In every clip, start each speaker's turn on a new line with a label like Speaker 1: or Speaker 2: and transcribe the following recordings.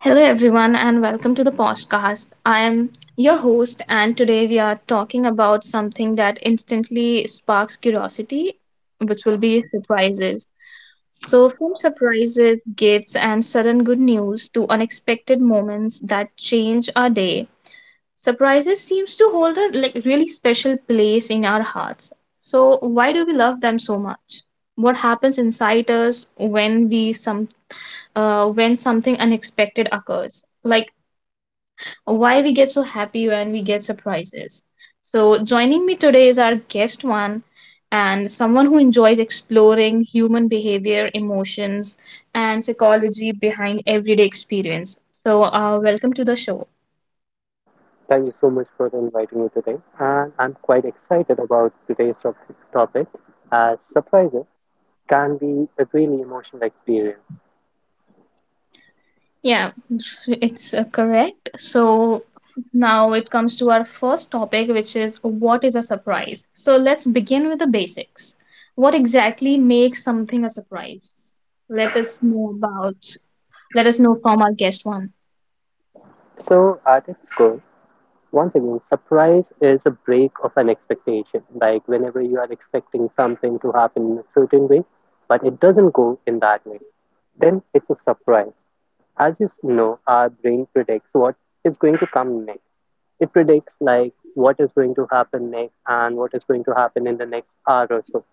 Speaker 1: Hello, everyone, and welcome to the podcast. I am your host, and today we are talking about something that instantly sparks curiosity, which will be surprises. So, from surprises, gifts, and sudden good news to unexpected moments that change our day, surprises seems to hold a like really special place in our hearts. So, why do we love them so much? What happens inside us when something unexpected occurs, like why we get so happy when we get surprises. So, joining me today is our guest one and someone who enjoys exploring human behavior, emotions, and psychology behind everyday experience. So, welcome to the show.
Speaker 2: Thank you so much for inviting me today, and I'm quite excited about today's topic as surprises can be a really emotional experience.
Speaker 1: Yeah, it's correct. So now it comes to our first topic, which is, what is a surprise? So let's begin with the basics. What exactly makes something a surprise? Let us know about, Let us know from our guest one.
Speaker 2: So, at its core, once again, surprise is a break of an expectation. Like whenever you are expecting something to happen in a certain way, but it doesn't go in that way, then it's a surprise. As you know, our brain predicts what is going to come next. It predicts like what is going to happen next and what is going to happen in the next hour or so.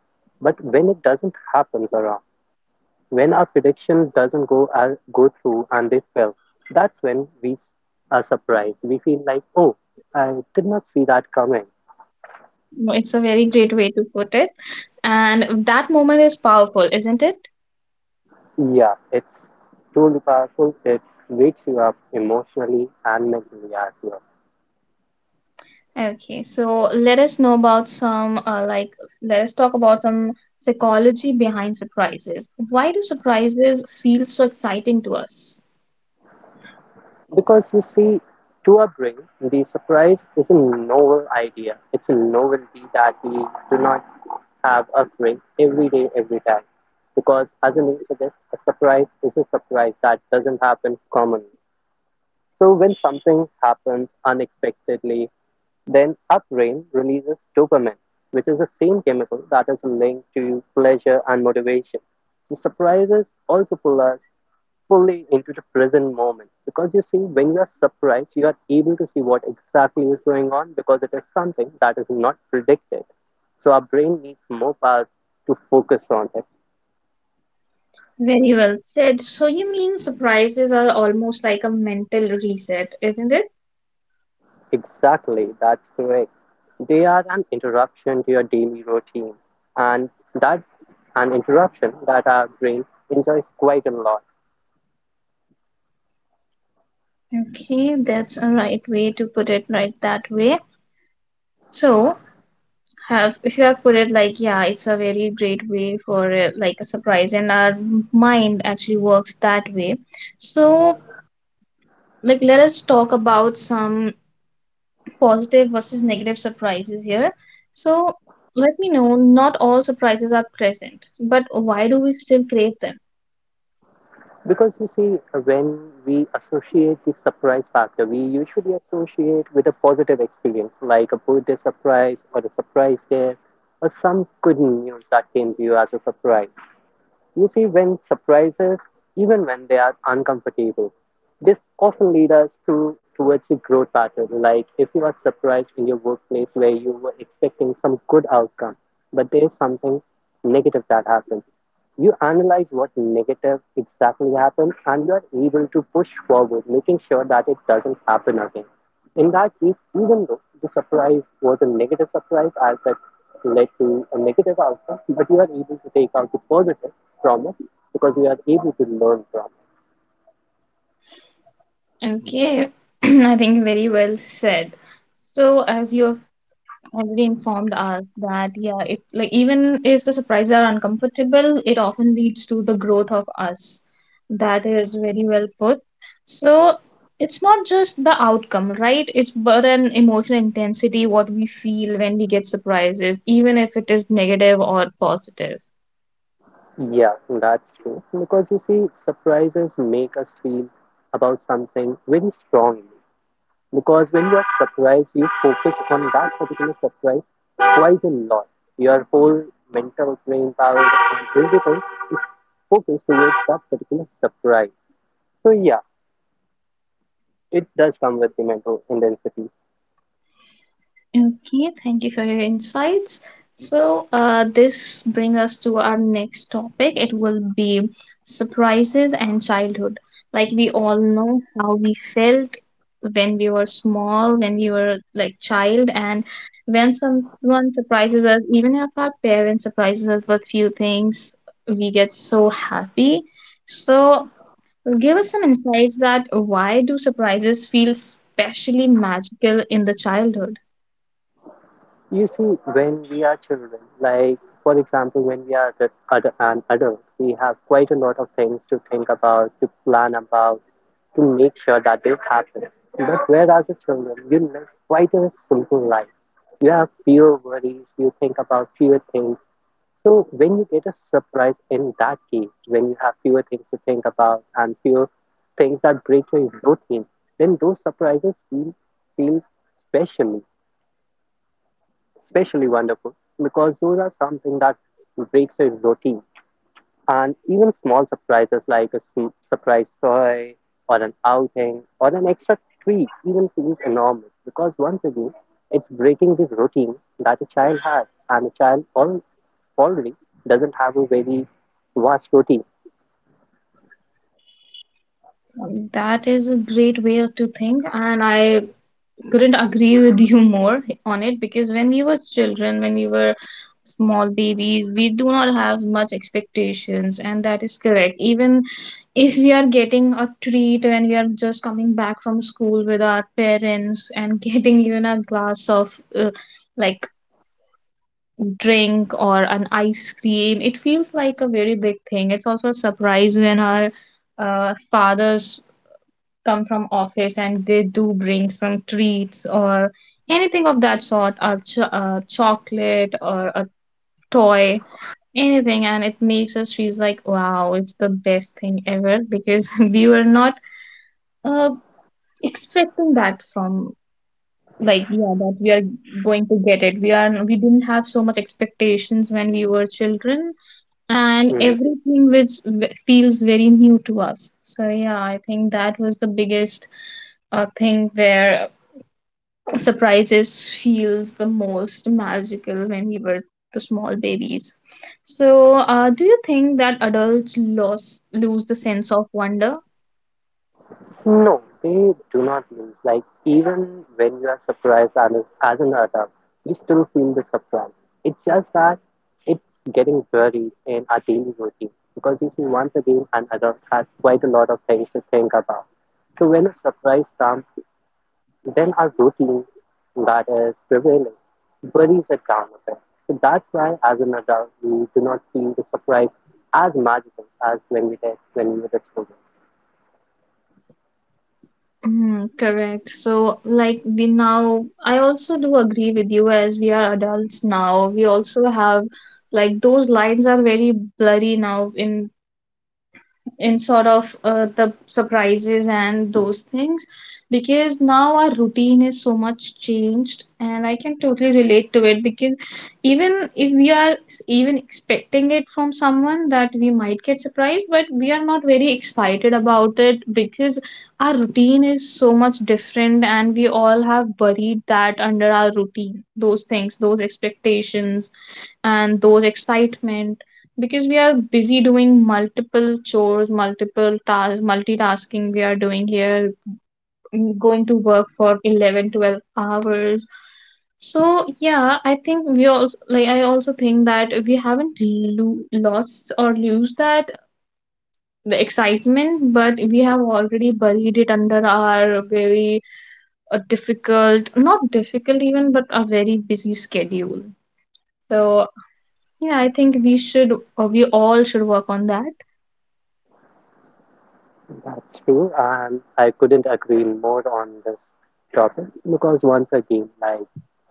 Speaker 2: But when it doesn't happen, Sarah, when our prediction doesn't go through and they fail, that's when we are surprised. We feel like, oh, I did not see that coming.
Speaker 1: No, it's a very great way to put it. And that moment is powerful, isn't it?
Speaker 2: Yeah, it's truly powerful. It wakes you up emotionally and mentally as well.
Speaker 1: Okay, so let us talk about some psychology behind surprises. Why do surprises feel so exciting to us?
Speaker 2: Because you see, to our brain, the surprise is a novel idea. It's a novelty that we do not have occurring every day, every time. Because as the name suggests, a surprise is a surprise that doesn't happen commonly. So when something happens unexpectedly, then our brain releases dopamine, which is the same chemical that is linked to pleasure and motivation. So surprises also pull us fully into the present moment because you see when you are surprised you are able to see what exactly is going on because it is something that is not predicted so our brain needs more power to focus on it.
Speaker 1: Very well said. So you mean surprises are almost like a mental reset, isn't it?
Speaker 2: Exactly, that's correct. They are an interruption to your daily routine, and that an interruption that our brain enjoys quite a lot.
Speaker 1: Okay, that's a right way to put it right that way. So have if you have put it like, yeah, it's a very great way for like a surprise, and our mind actually works that way. So, like, let us talk about some positive versus negative surprises here. So let me know, not all surprises are present, but why do we still crave them?
Speaker 2: Because you see, when we associate the surprise factor, we usually associate with a positive experience, like a birthday surprise or a surprise gift, or some good news that came to you as a surprise. You see, when surprises, even when they are uncomfortable, this often lead us to towards a growth pattern. Like if you are surprised in your workplace where you were expecting some good outcome, but there is something negative that happens. You analyze what negative exactly happened and you are able to push forward, making sure that it doesn't happen again. In that case, even though the surprise was a negative surprise, as I led to a negative outcome, but you are able to take out the positive from it because you are able to learn from
Speaker 1: Okay, I think very well said. So, as you have already informed us that, yeah, it's like even if the surprises are uncomfortable, it often leads to the growth of us. That is very well put. So, it's not just the outcome, right? It's but an emotional intensity, what we feel when we get surprises, even if it is negative or positive.
Speaker 2: it. Yeah, that's true. Because you see, surprises make us feel about something very strongly. Because when you are surprised, you focus on that particular surprise quite a lot. Your whole mental brain power and everything is focused towards that particular surprise. So yeah, it does come with the mental intensity.
Speaker 1: Okay, thank you for your insights. So, this brings us to our next topic. It will be surprises and childhood. Like, we all know how we felt when we were small, when we were like child, and when someone surprises us, even if our parents surprises us with few things, we get so happy. So, give us some insights that why do surprises feel specially magical in the childhood?
Speaker 2: You see, when we are children, like for example, when we are an adult, we have quite a lot of things to think about, to plan about, to make sure that they happen. But whereas a children, you live quite a simple life. You have fewer worries, you think about fewer things. So when you get a surprise in that case, when you have fewer things to think about and fewer things that break your routine, then those surprises feel special especially wonderful because those are something that breaks a routine. And even small surprises like a surprise toy or an outing or an extra treat even feels enormous because once again, it's breaking the routine that a child has and a child already doesn't have a very vast routine.
Speaker 1: That is a great way to think, and I couldn't agree with you more on it, because when we were children, when we were small babies, we do not have much expectations, and that is correct. Even if we are getting a treat when we are just coming back from school with our parents and getting even a glass of like drink or an ice cream, it feels like a very big thing. It's also a surprise when our fathers come from office and they do bring some treats or anything of that sort, a chocolate or a toy, anything, and it makes us feel like, wow, it's the best thing ever, because we were not uh, expecting that from, like, yeah, that we are going to get it. We are we didn't have so much expectations when we were children, and
Speaker 2: Mhm.
Speaker 1: everything which feels very new to us. So yeah, I think that was the biggest thing where surprises feels the most magical when we were the small babies. So do you think that adults lost lose the sense of wonder?
Speaker 2: No, they do not lose. Like even when you are surprised as an adult, you still feel the surprise. It's just that it's getting buried in our daily routine because you see, once again, an adult has quite a lot of things to think about. So when a surprise comes, then our routine that is prevailing buries it down a bit. So that's why, as an adult, we do not feel the surprise as magical as when we did when we were children.
Speaker 1: Mm, correct. So, like, we now, I also do agree with you, as we are adults now. We also have, like, those lines are very blurry now, in sort of the surprises and those things, because now our routine is so much changed, and I can totally relate to it, because even if we are even expecting it from someone that we might get surprised, but we are not very excited about it, because our routine is so much different, and we all have buried that under our routine, those things, those expectations, and those excitement, because we are busy doing multiple chores, multiple tasks, multitasking we are doing here, going to work for 11, 12 hours. So yeah, I think we also, like, I also think that we haven't lost or lose that the excitement, but we have already buried it under our very a difficult, not difficult even, but a very busy schedule. So yeah, I think we should, or we all should work on that.
Speaker 2: That's true, and I couldn't agree more on this topic because once again, like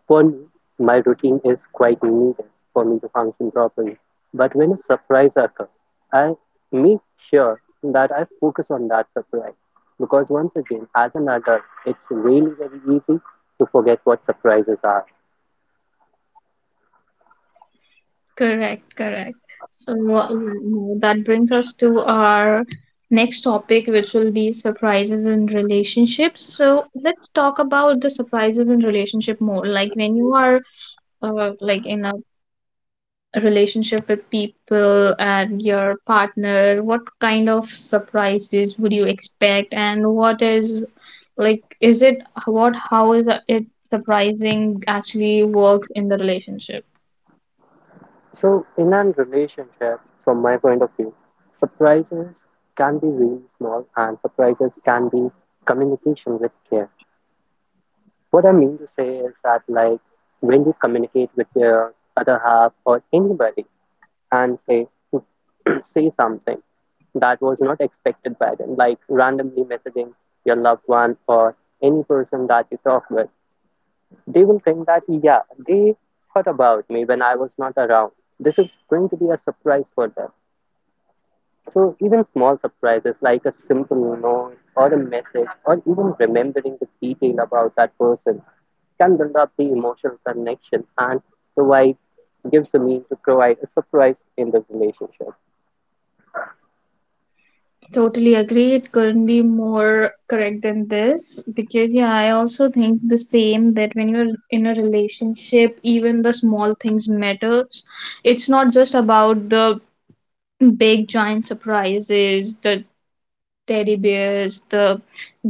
Speaker 2: for me, my routine is quite needed for me to function properly. But when a surprise occurs, I make sure that I focus on that surprise because once again, as an adult, it's really very easy to forget what surprises are.
Speaker 1: Correct, correct. So now that brings us to our next topic, which will be surprises in relationships. So let's talk about the surprises in relationship more. Like, when you are like in a relationship with people and your partner, what kind of surprises would you expect, and what is like, is it what, how is it surprising actually works in the relationship?
Speaker 2: So, in a relationship, from my point of view, surprises can be really small and surprises can be communication with care. What I mean to say is that, like, when you communicate with your other half or anybody and say, say something that was not expected by them, like randomly messaging your loved one or any person that you talk with, they will think that, yeah, they thought about me when I was not around. This is going to be a surprise for them. So even small surprises like a simple note or a message or even remembering the detail about that person can build up the emotional connection and provide gives the mean to provide a surprise in the relationship.
Speaker 1: Totally agree. It couldn't be more correct than this because, yeah, I also think the same that when you're in a relationship, even the small things matters. It's not just about the big giant surprises, the teddy bears, the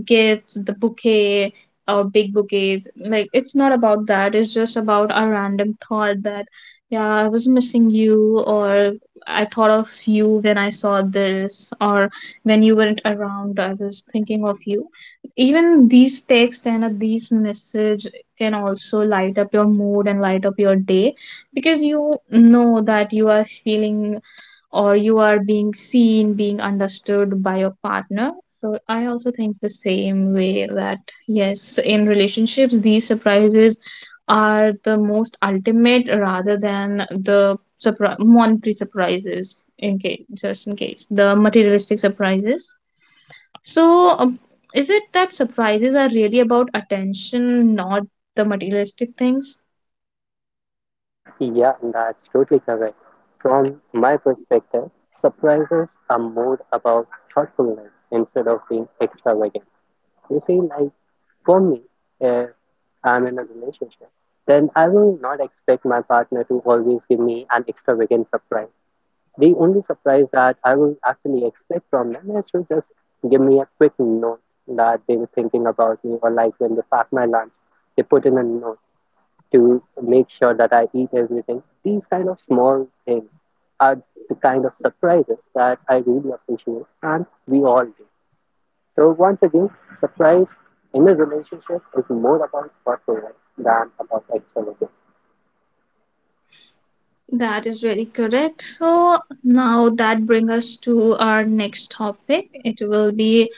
Speaker 1: gifts, the bouquet, or big bouquets. Like, it's not about that. It's just about a random thought that, yeah, I was missing you, or I thought of you when I saw this, or when you weren't around, I was thinking of you. Even these texts and these message can also light up your mood and light up your day, because you know that you are feeling, or you are being seen, being understood by your partner. So I also think the same way that yes, in relationships, these surprises are the most ultimate, rather than the monetary surprises. In case, just in case, the materialistic surprises. So is it that surprises are really about attention, not the materialistic things?
Speaker 2: Yeah, that's totally correct. From my perspective, surprises are more about thoughtfulness instead of being extravagant. You see, like for me, if I'm in a relationship, then I will not expect my partner to always give me an extravagant surprise. The only surprise that I will actually expect from them is to just give me a quick note that they were thinking about me, or like when they pack my lunch, they put in a note to make sure that I eat everything. These kind of small things are the kind of surprises that I really appreciate, and we all do. So once again, surprise in a relationship is more about performance than about excellence.
Speaker 1: That is very correct. So now that brings us to our next topic. It will be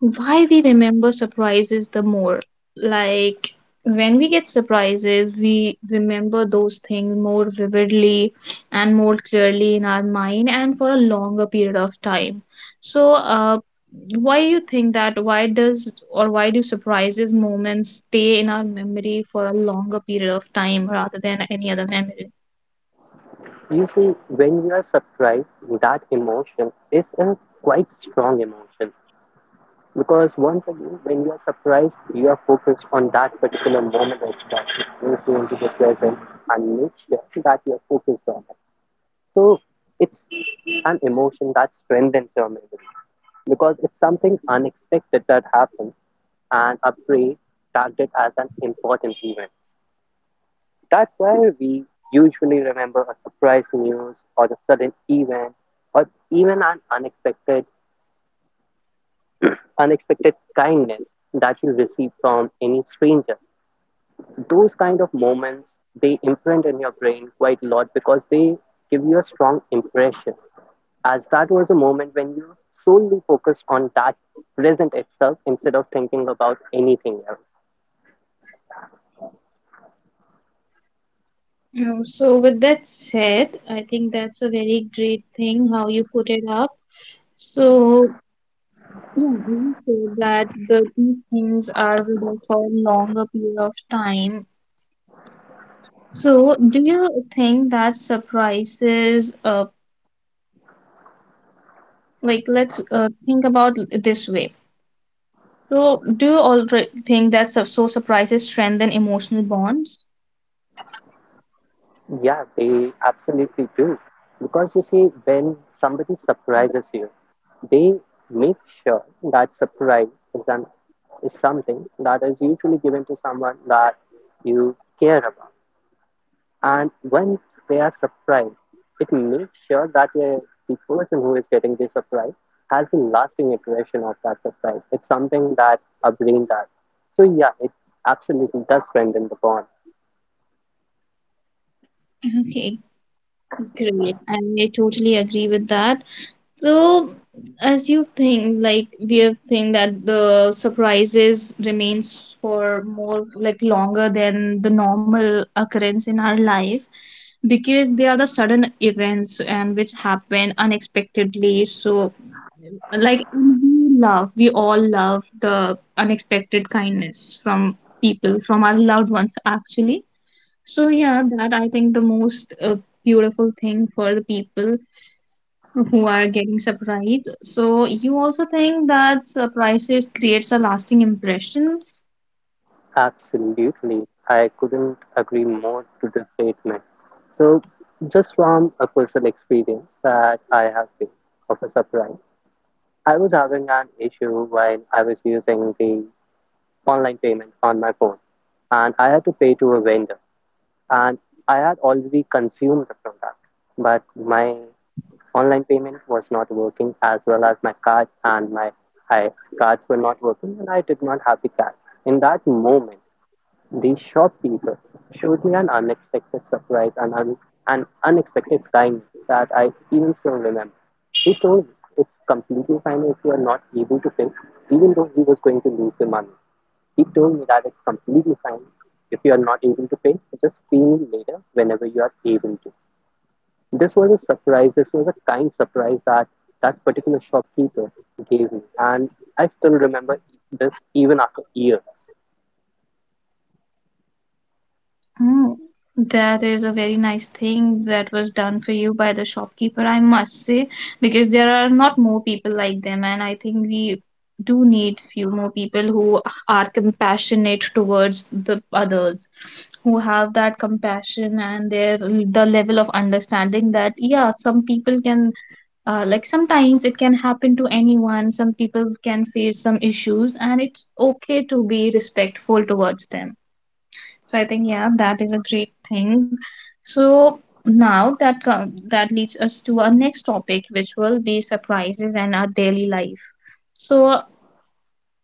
Speaker 1: why we remember surprises the more. Like, when we get surprises, we remember those things more vividly and more clearly in our mind and for a longer period of time. So, why do you think that? Why does or Why do surprises moments stay in our memory for a longer period of time rather than any other memory?
Speaker 2: You see, when you are surprised, that emotion is a quite strong emotion because once again, when you are surprised, you are focused on that particular moment of that brings you into the present and make sure that you are focused on that. So it's an emotion that strengthens your memory because it's something unexpected that happens and a parade tagged it as an important event. That's why we usually remember a surprise news or the sudden event or even an unexpected kindness that you receive from any stranger. Those kind of moments they imprint in your brain quite a lot because they give you a strong impression. As that was a moment when you solely focused on that present itself instead of thinking about anything else.
Speaker 1: So with that said, I think that's a very great thing how you put it up. So yeah, you said that these things are with us for a longer period of time. So do you think that surprises, like, let's think about it this way. So do you already think that so surprises strengthen emotional bonds?
Speaker 2: Yeah, they absolutely do. Because you see, when somebody surprises you, they make sure that surprise is is something that is usually given to someone that you care about. And when they are surprised, it makes sure that the person who is getting the surprise has a lasting impression of that surprise. It's something that a brain does. So, yeah, it absolutely does strengthen the bond.
Speaker 1: Okay, great. I totally agree with that. So, as you think, like, we have think that the surprises remains for more, like, longer than the normal occurrence in our life, because they are the sudden events and which happen unexpectedly. So, like, we all love the unexpected kindness from people, from our loved ones actually. So yeah, that I think the most beautiful thing for the people who are getting surprised. So you also think that surprises creates a lasting impression.
Speaker 2: Absolutely. I couldn't agree more to this statement. So, just from a personal experience that I have been of a surprise, I was having an issue while I was using the online payment on my phone, and I had to pay to a vendor, and I had already consumed the product, but my online payment was not working as well as my card and I, cards were not working, and I did not have the cash. In that moment, the shopkeeper showed me an unexpected surprise and an unexpected timing that I even still remember. He told me it's completely fine if you are not able to pay, even though he was going to lose the money. He told me that it's completely fine if you are not able to pay, just pay me later whenever you are able to. This was a surprise. This was a kind surprise that that particular shopkeeper gave me, and I still remember this even after years.
Speaker 1: Oh, that is a very nice thing that was done for you by the shopkeeper, I must say, because there are not more people like them, and I think we do need few more people who are compassionate towards the others, who have that compassion, and the level of understanding that, yeah, some people can like, sometimes it can happen to anyone, some people can face some issues, and it's okay to be respectful towards them. So I think, yeah, that is a great thing. So now that that leads us to our next topic, which will be surprises and our daily life. So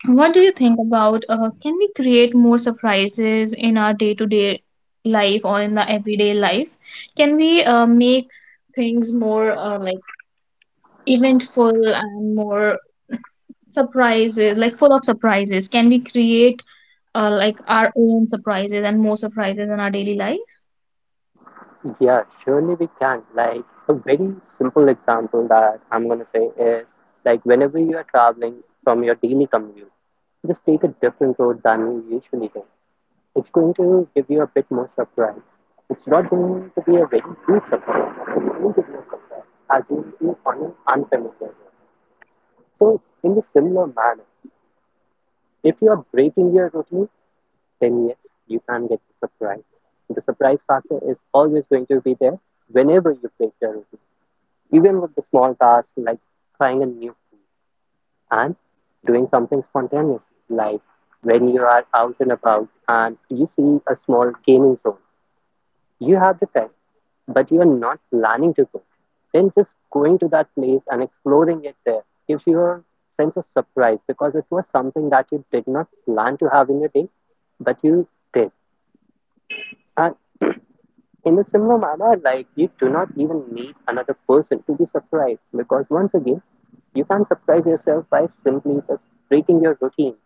Speaker 1: what do you think about, can we create more surprises in our day to day life, or in the everyday life? Can we make things more, like, eventful, and more surprises, like, full of surprises? Can we create like our own surprises and more surprises in our daily life?
Speaker 2: Yeah, surely we can. Like a very simple example that I'm gonna say is like whenever you are traveling from your daily commute, just take a different road than you usually do. It's going to give you a bit more surprise. It's not going to be a very huge surprise. It's going to be a surprise as you will be on an unfamiliar road. So in the similar manner, if you are breaking your routine, then yes, you can get the surprise. The surprise factor is always going to be there whenever you break your routine. Even with the small tasks like trying a new food and doing something spontaneous, like when you are out and about and you see a small gaming zone, you have the time but you are not planning to go, then just going to that place and exploring it there gives you a sense of surprise because it was something that you did not plan to have in your day, but you did. And in a similar manner, like, you do not even need another person to be surprised because, once again, you can surprise yourself by simply just breaking your routine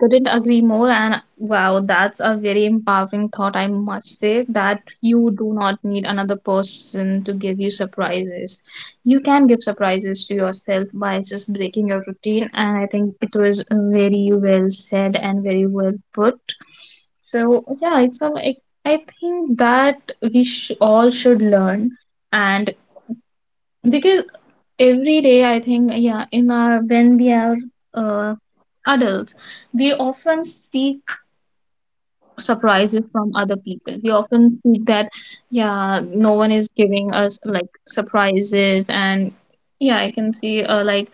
Speaker 1: Couldn't agree more, and wow, that's a very empowering thought, I must say, that you do not need another person to give you surprises. You can give surprises to yourself by just breaking your routine, and I think it was very well said and very well put. So yeah, I think that we all should learn, and because every day, I think, yeah, in our when we are uh, adults, we often seek surprises from other people. We often seek that, yeah, no one is giving us, like, surprises, and yeah, I can see, like,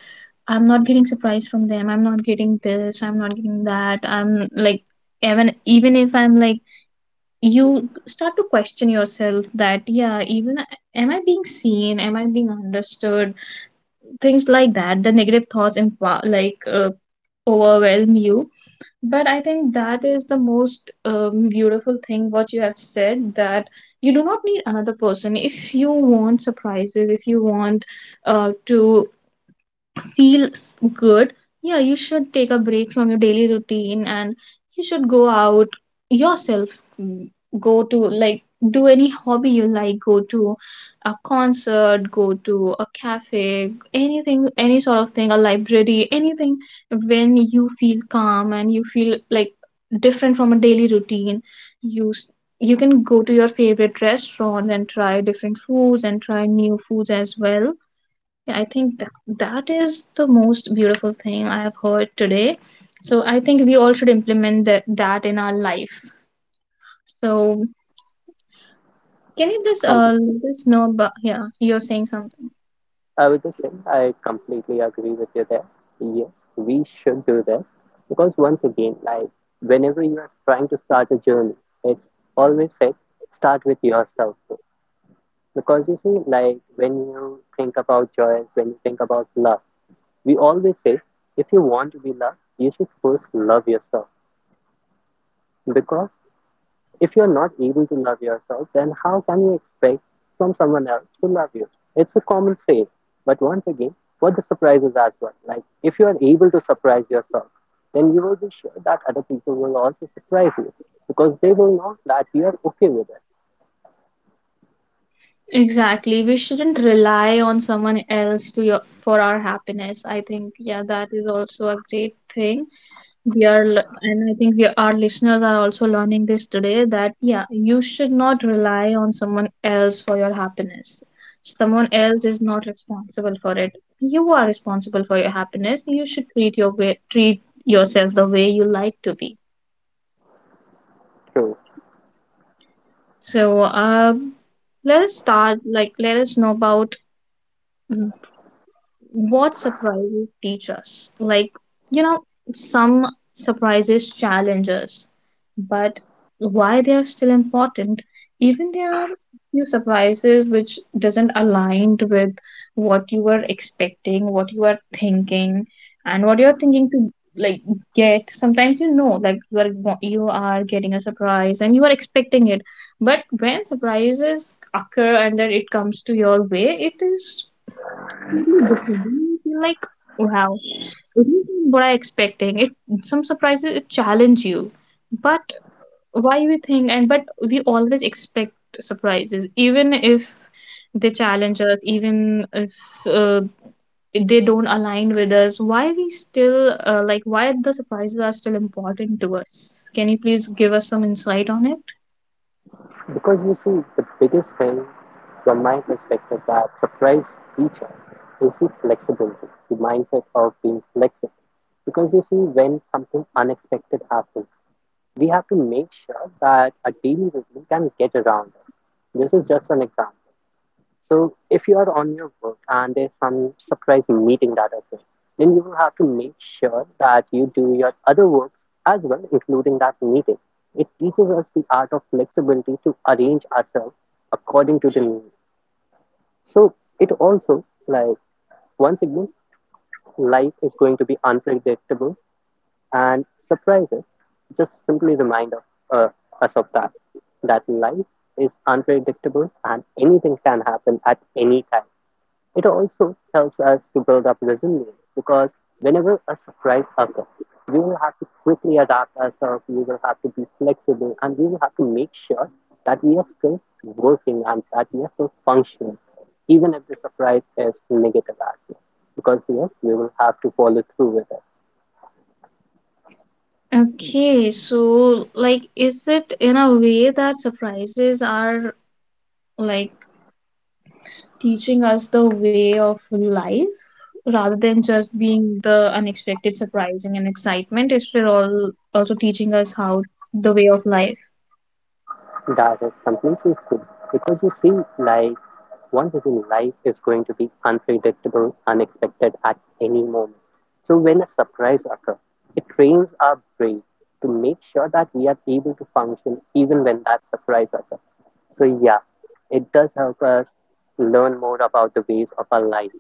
Speaker 1: I'm not getting surprise from them, I'm not getting this, I'm not getting that, I'm like, even if I'm like, you start to question Yourself that, yeah, even am I being seen, am I being understood, things like that. The negative thoughts empower, like overwhelm you. But I think that is the most beautiful thing what you have said, that you do not need another person. If you want surprises, if you want to feels good, yeah, you should take a break from your daily routine and you should go out yourself. Go to like do any hobby you like, go to a concert, go to a cafe, anything, any sort of thing, a library, anything, when you feel calm and you feel like different from a daily routine. You s- you can go to your favorite restaurant and try different foods and try new foods as well. Yeah, I think that, that is the most beautiful thing I have heard today. So I think we all should implement that, that in our life. So can you just
Speaker 2: completely.
Speaker 1: let us know about, yeah, you're saying something.
Speaker 2: I would just say I completely agree with you there. Yes, we should do this because, once again, like whenever you are trying to start a journey, it's always said start with yourself first. Because you see, like when you think about joy, when you think about love, we always say if you want to be loved, you should first love yourself. Because if you're not able to love yourself, then how can you expect from someone else to love you? It's a common saying. But once again, what the surprise is as well. Like if you are able to surprise yourself, then you will be sure that other people will also surprise you because they will know that you are okay with it.
Speaker 1: Exactly. We shouldn't rely on someone else to your, for our happiness. I think, yeah, that is also a great thing. And I think we, our listeners, are also learning this today, that yeah, you should not rely on someone else for your happiness. Someone else is not responsible for it. You are responsible for your happiness. You should treat your way, treat yourself the way you like to be.
Speaker 2: True.
Speaker 1: So let us start, like, let us know about what surprises teach us. Like, you know, some surprises challenge us, but why they are still important, even there are few surprises which doesn't align with what you were expecting, what you are thinking, and what you are thinking to like get. Sometimes you know, like you are you are getting a surprise and you are expecting it, but when surprises occur and then it comes to your way, it is totally different. And I feel like, wow, it isn't what I expecting. It, some surprises it challenge you, but why we think, and but we always expect surprises, even if they challenge us, even if uh, they don't align with us. Why we still like why the surprises are still important to us? Can you please give us some insight on it?
Speaker 2: Because you see, the biggest thing from my perspective that surprise teacher is the flexibility, the mindset of being flexible. Because you see, when something unexpected happens, we have to make sure that a daily routine can get around us. This is just an example. So, if you are on your work and there's some surprise meeting that occurs, then you will have to make sure that you do your other works as well, including that meeting. It teaches us the art of flexibility to arrange ourselves according to the need. So, it also, like, once again, life is going to be unpredictable and surprises just simply remind of, uh, us of that, that life is unpredictable and anything can happen at any time. It also helps us to build up resilience because whenever a surprise occurs, we will have to quickly adapt ourselves, we will have to be flexible, and we will have to make sure that we are still working and that we are still functioning, even if the surprise is negative as well. Because yes, we will have to follow through with it.
Speaker 1: Okay, so like, is it in a way that surprises are like teaching us the way of life rather than just being the unexpected, surprising, and excitement. It's still all also teaching us how the way of life.
Speaker 2: That is completely true. Because you see, like, one within life is going to be unpredictable, unexpected at any moment. So when a surprise occurs, it trains our brain to make sure that we are able to function even when that surprise occurs. So yeah, it does help us learn more about the ways of our life.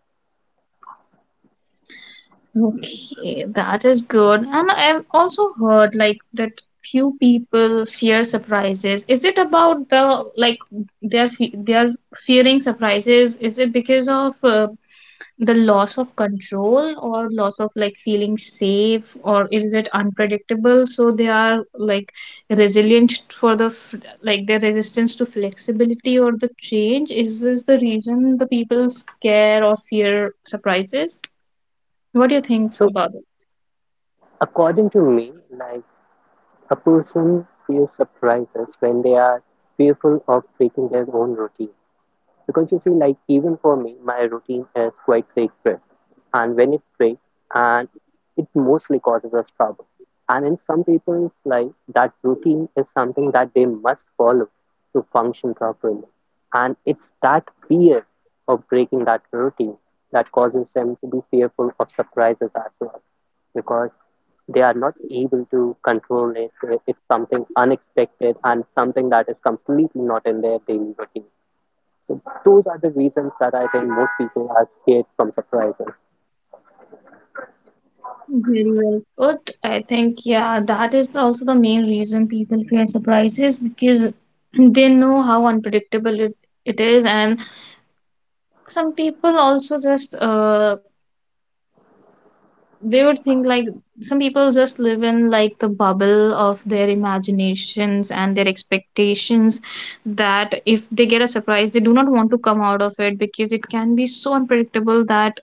Speaker 1: Okay, that is good. And I've also heard like that few people fear surprises. Is it about the like they're fearing surprises? Is it because of the loss of control or loss of like feeling safe or is it unpredictable? So they are like resilient for the like their resistance to flexibility or the change. Is this the reason the people scare or fear surprises? What do you think
Speaker 2: So
Speaker 1: about it?
Speaker 2: according to me, like, a person feels surprises when they are fearful of breaking their own routine. Because you see, like, even for me, my routine is quite sacred, and when it breaks, and it mostly causes us trouble. And in some people's life, that routine is something that they must follow to function properly. And it's that fear of breaking that routine that causes them to be fearful of surprises as well, because they are not able to control it. It's something unexpected and something that is completely not in their daily routine. So those are the reasons that I think most people are scared from surprises.
Speaker 1: Very well put. I think, yeah, that is also the main reason people fear surprises, because they know how unpredictable it is. And some people also just they would think like some people just live in like the bubble of their imaginations and their expectations, that if they get a surprise they do not want to come out of it, because it can be so unpredictable that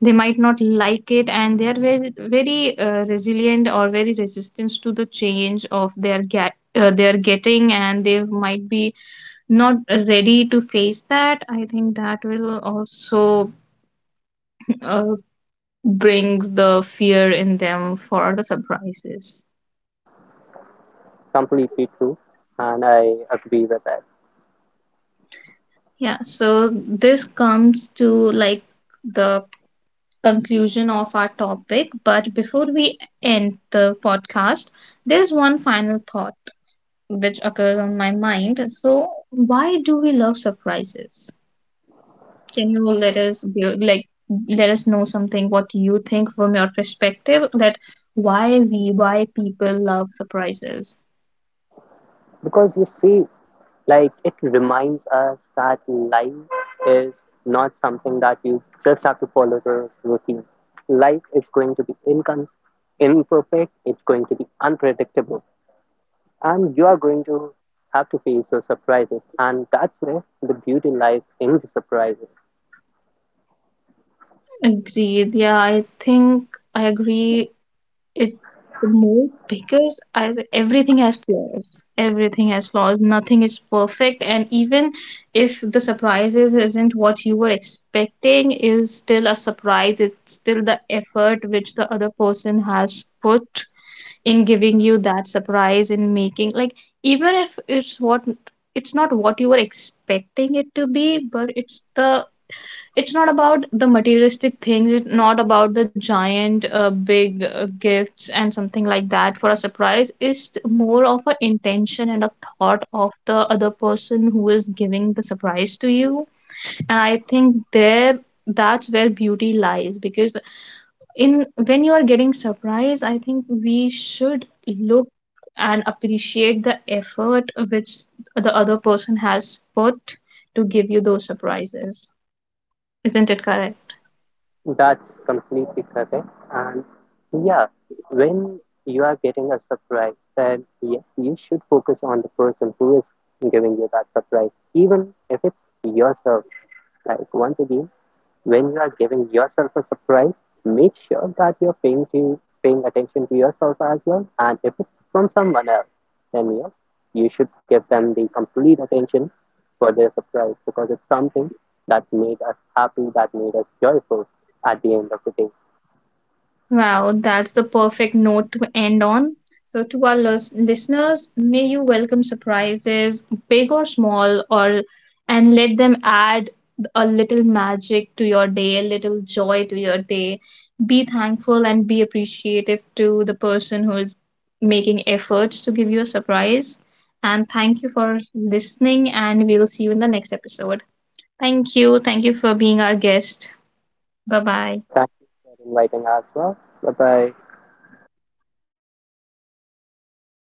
Speaker 1: they might not like it, and they are very resilient or very resistant to the change of their get they're getting, and they might be not ready to face that. I think that will also uh, brings the fear in them for the surprises.
Speaker 2: Completely true, and I agree with that.
Speaker 1: Yeah, so this comes to like the conclusion of our topic. But before we end the podcast, there's one final thought which occurs on my mind. So, why do we love surprises? Can you let us be like, let us know something what you think from your perspective, that why we, why people love surprises?
Speaker 2: Because you see, like, it reminds us that life is not something that you just have to follow the routine. Life is going to be imperfect. It's going to be unpredictable, and you are going to have to face those surprises. And that's where the beauty lies in the surprises.
Speaker 1: Agreed. Yeah, I think I agree it more, because I, everything has flaws. Everything has flaws. Nothing is perfect, and even if the surprises isn't what you were expecting, is still a surprise. It's still the effort which the other person has put in giving you that surprise, in making like even if it's what, it's not what you were expecting it to be, but it's the, it's not about the materialistic things. It's not about the giant big gifts and something like that for a surprise. It's more of an intention and a thought of the other person who is giving the surprise to you. And I think there, that's where beauty lies, because in when you are getting surprise, I think we should look and appreciate the effort which the other person has put to give you those surprises. Isn't it correct?
Speaker 2: That's completely correct. And yeah, when you are getting a surprise, then yes, you should focus on the person who is giving you that surprise, even if it's yourself. Like, once again, when you are giving yourself a surprise, make sure that you're paying attention to yourself as well. And if it's from someone else, then yes, you should give them the complete attention for their surprise because it's something that made us happy, that made us joyful at the end of the day.
Speaker 1: Wow, that's the perfect note to end on. So, to our listeners, may you welcome surprises, big or small, or, and let them add a little magic to your day, a little joy to your day. Be thankful and be appreciative to the person who is making efforts to give you a surprise. And thank you for listening, and we'll see you in the next episode. Thank you. Thank you for being our guest. Bye bye.
Speaker 2: Thank you for inviting us as well. Bye bye.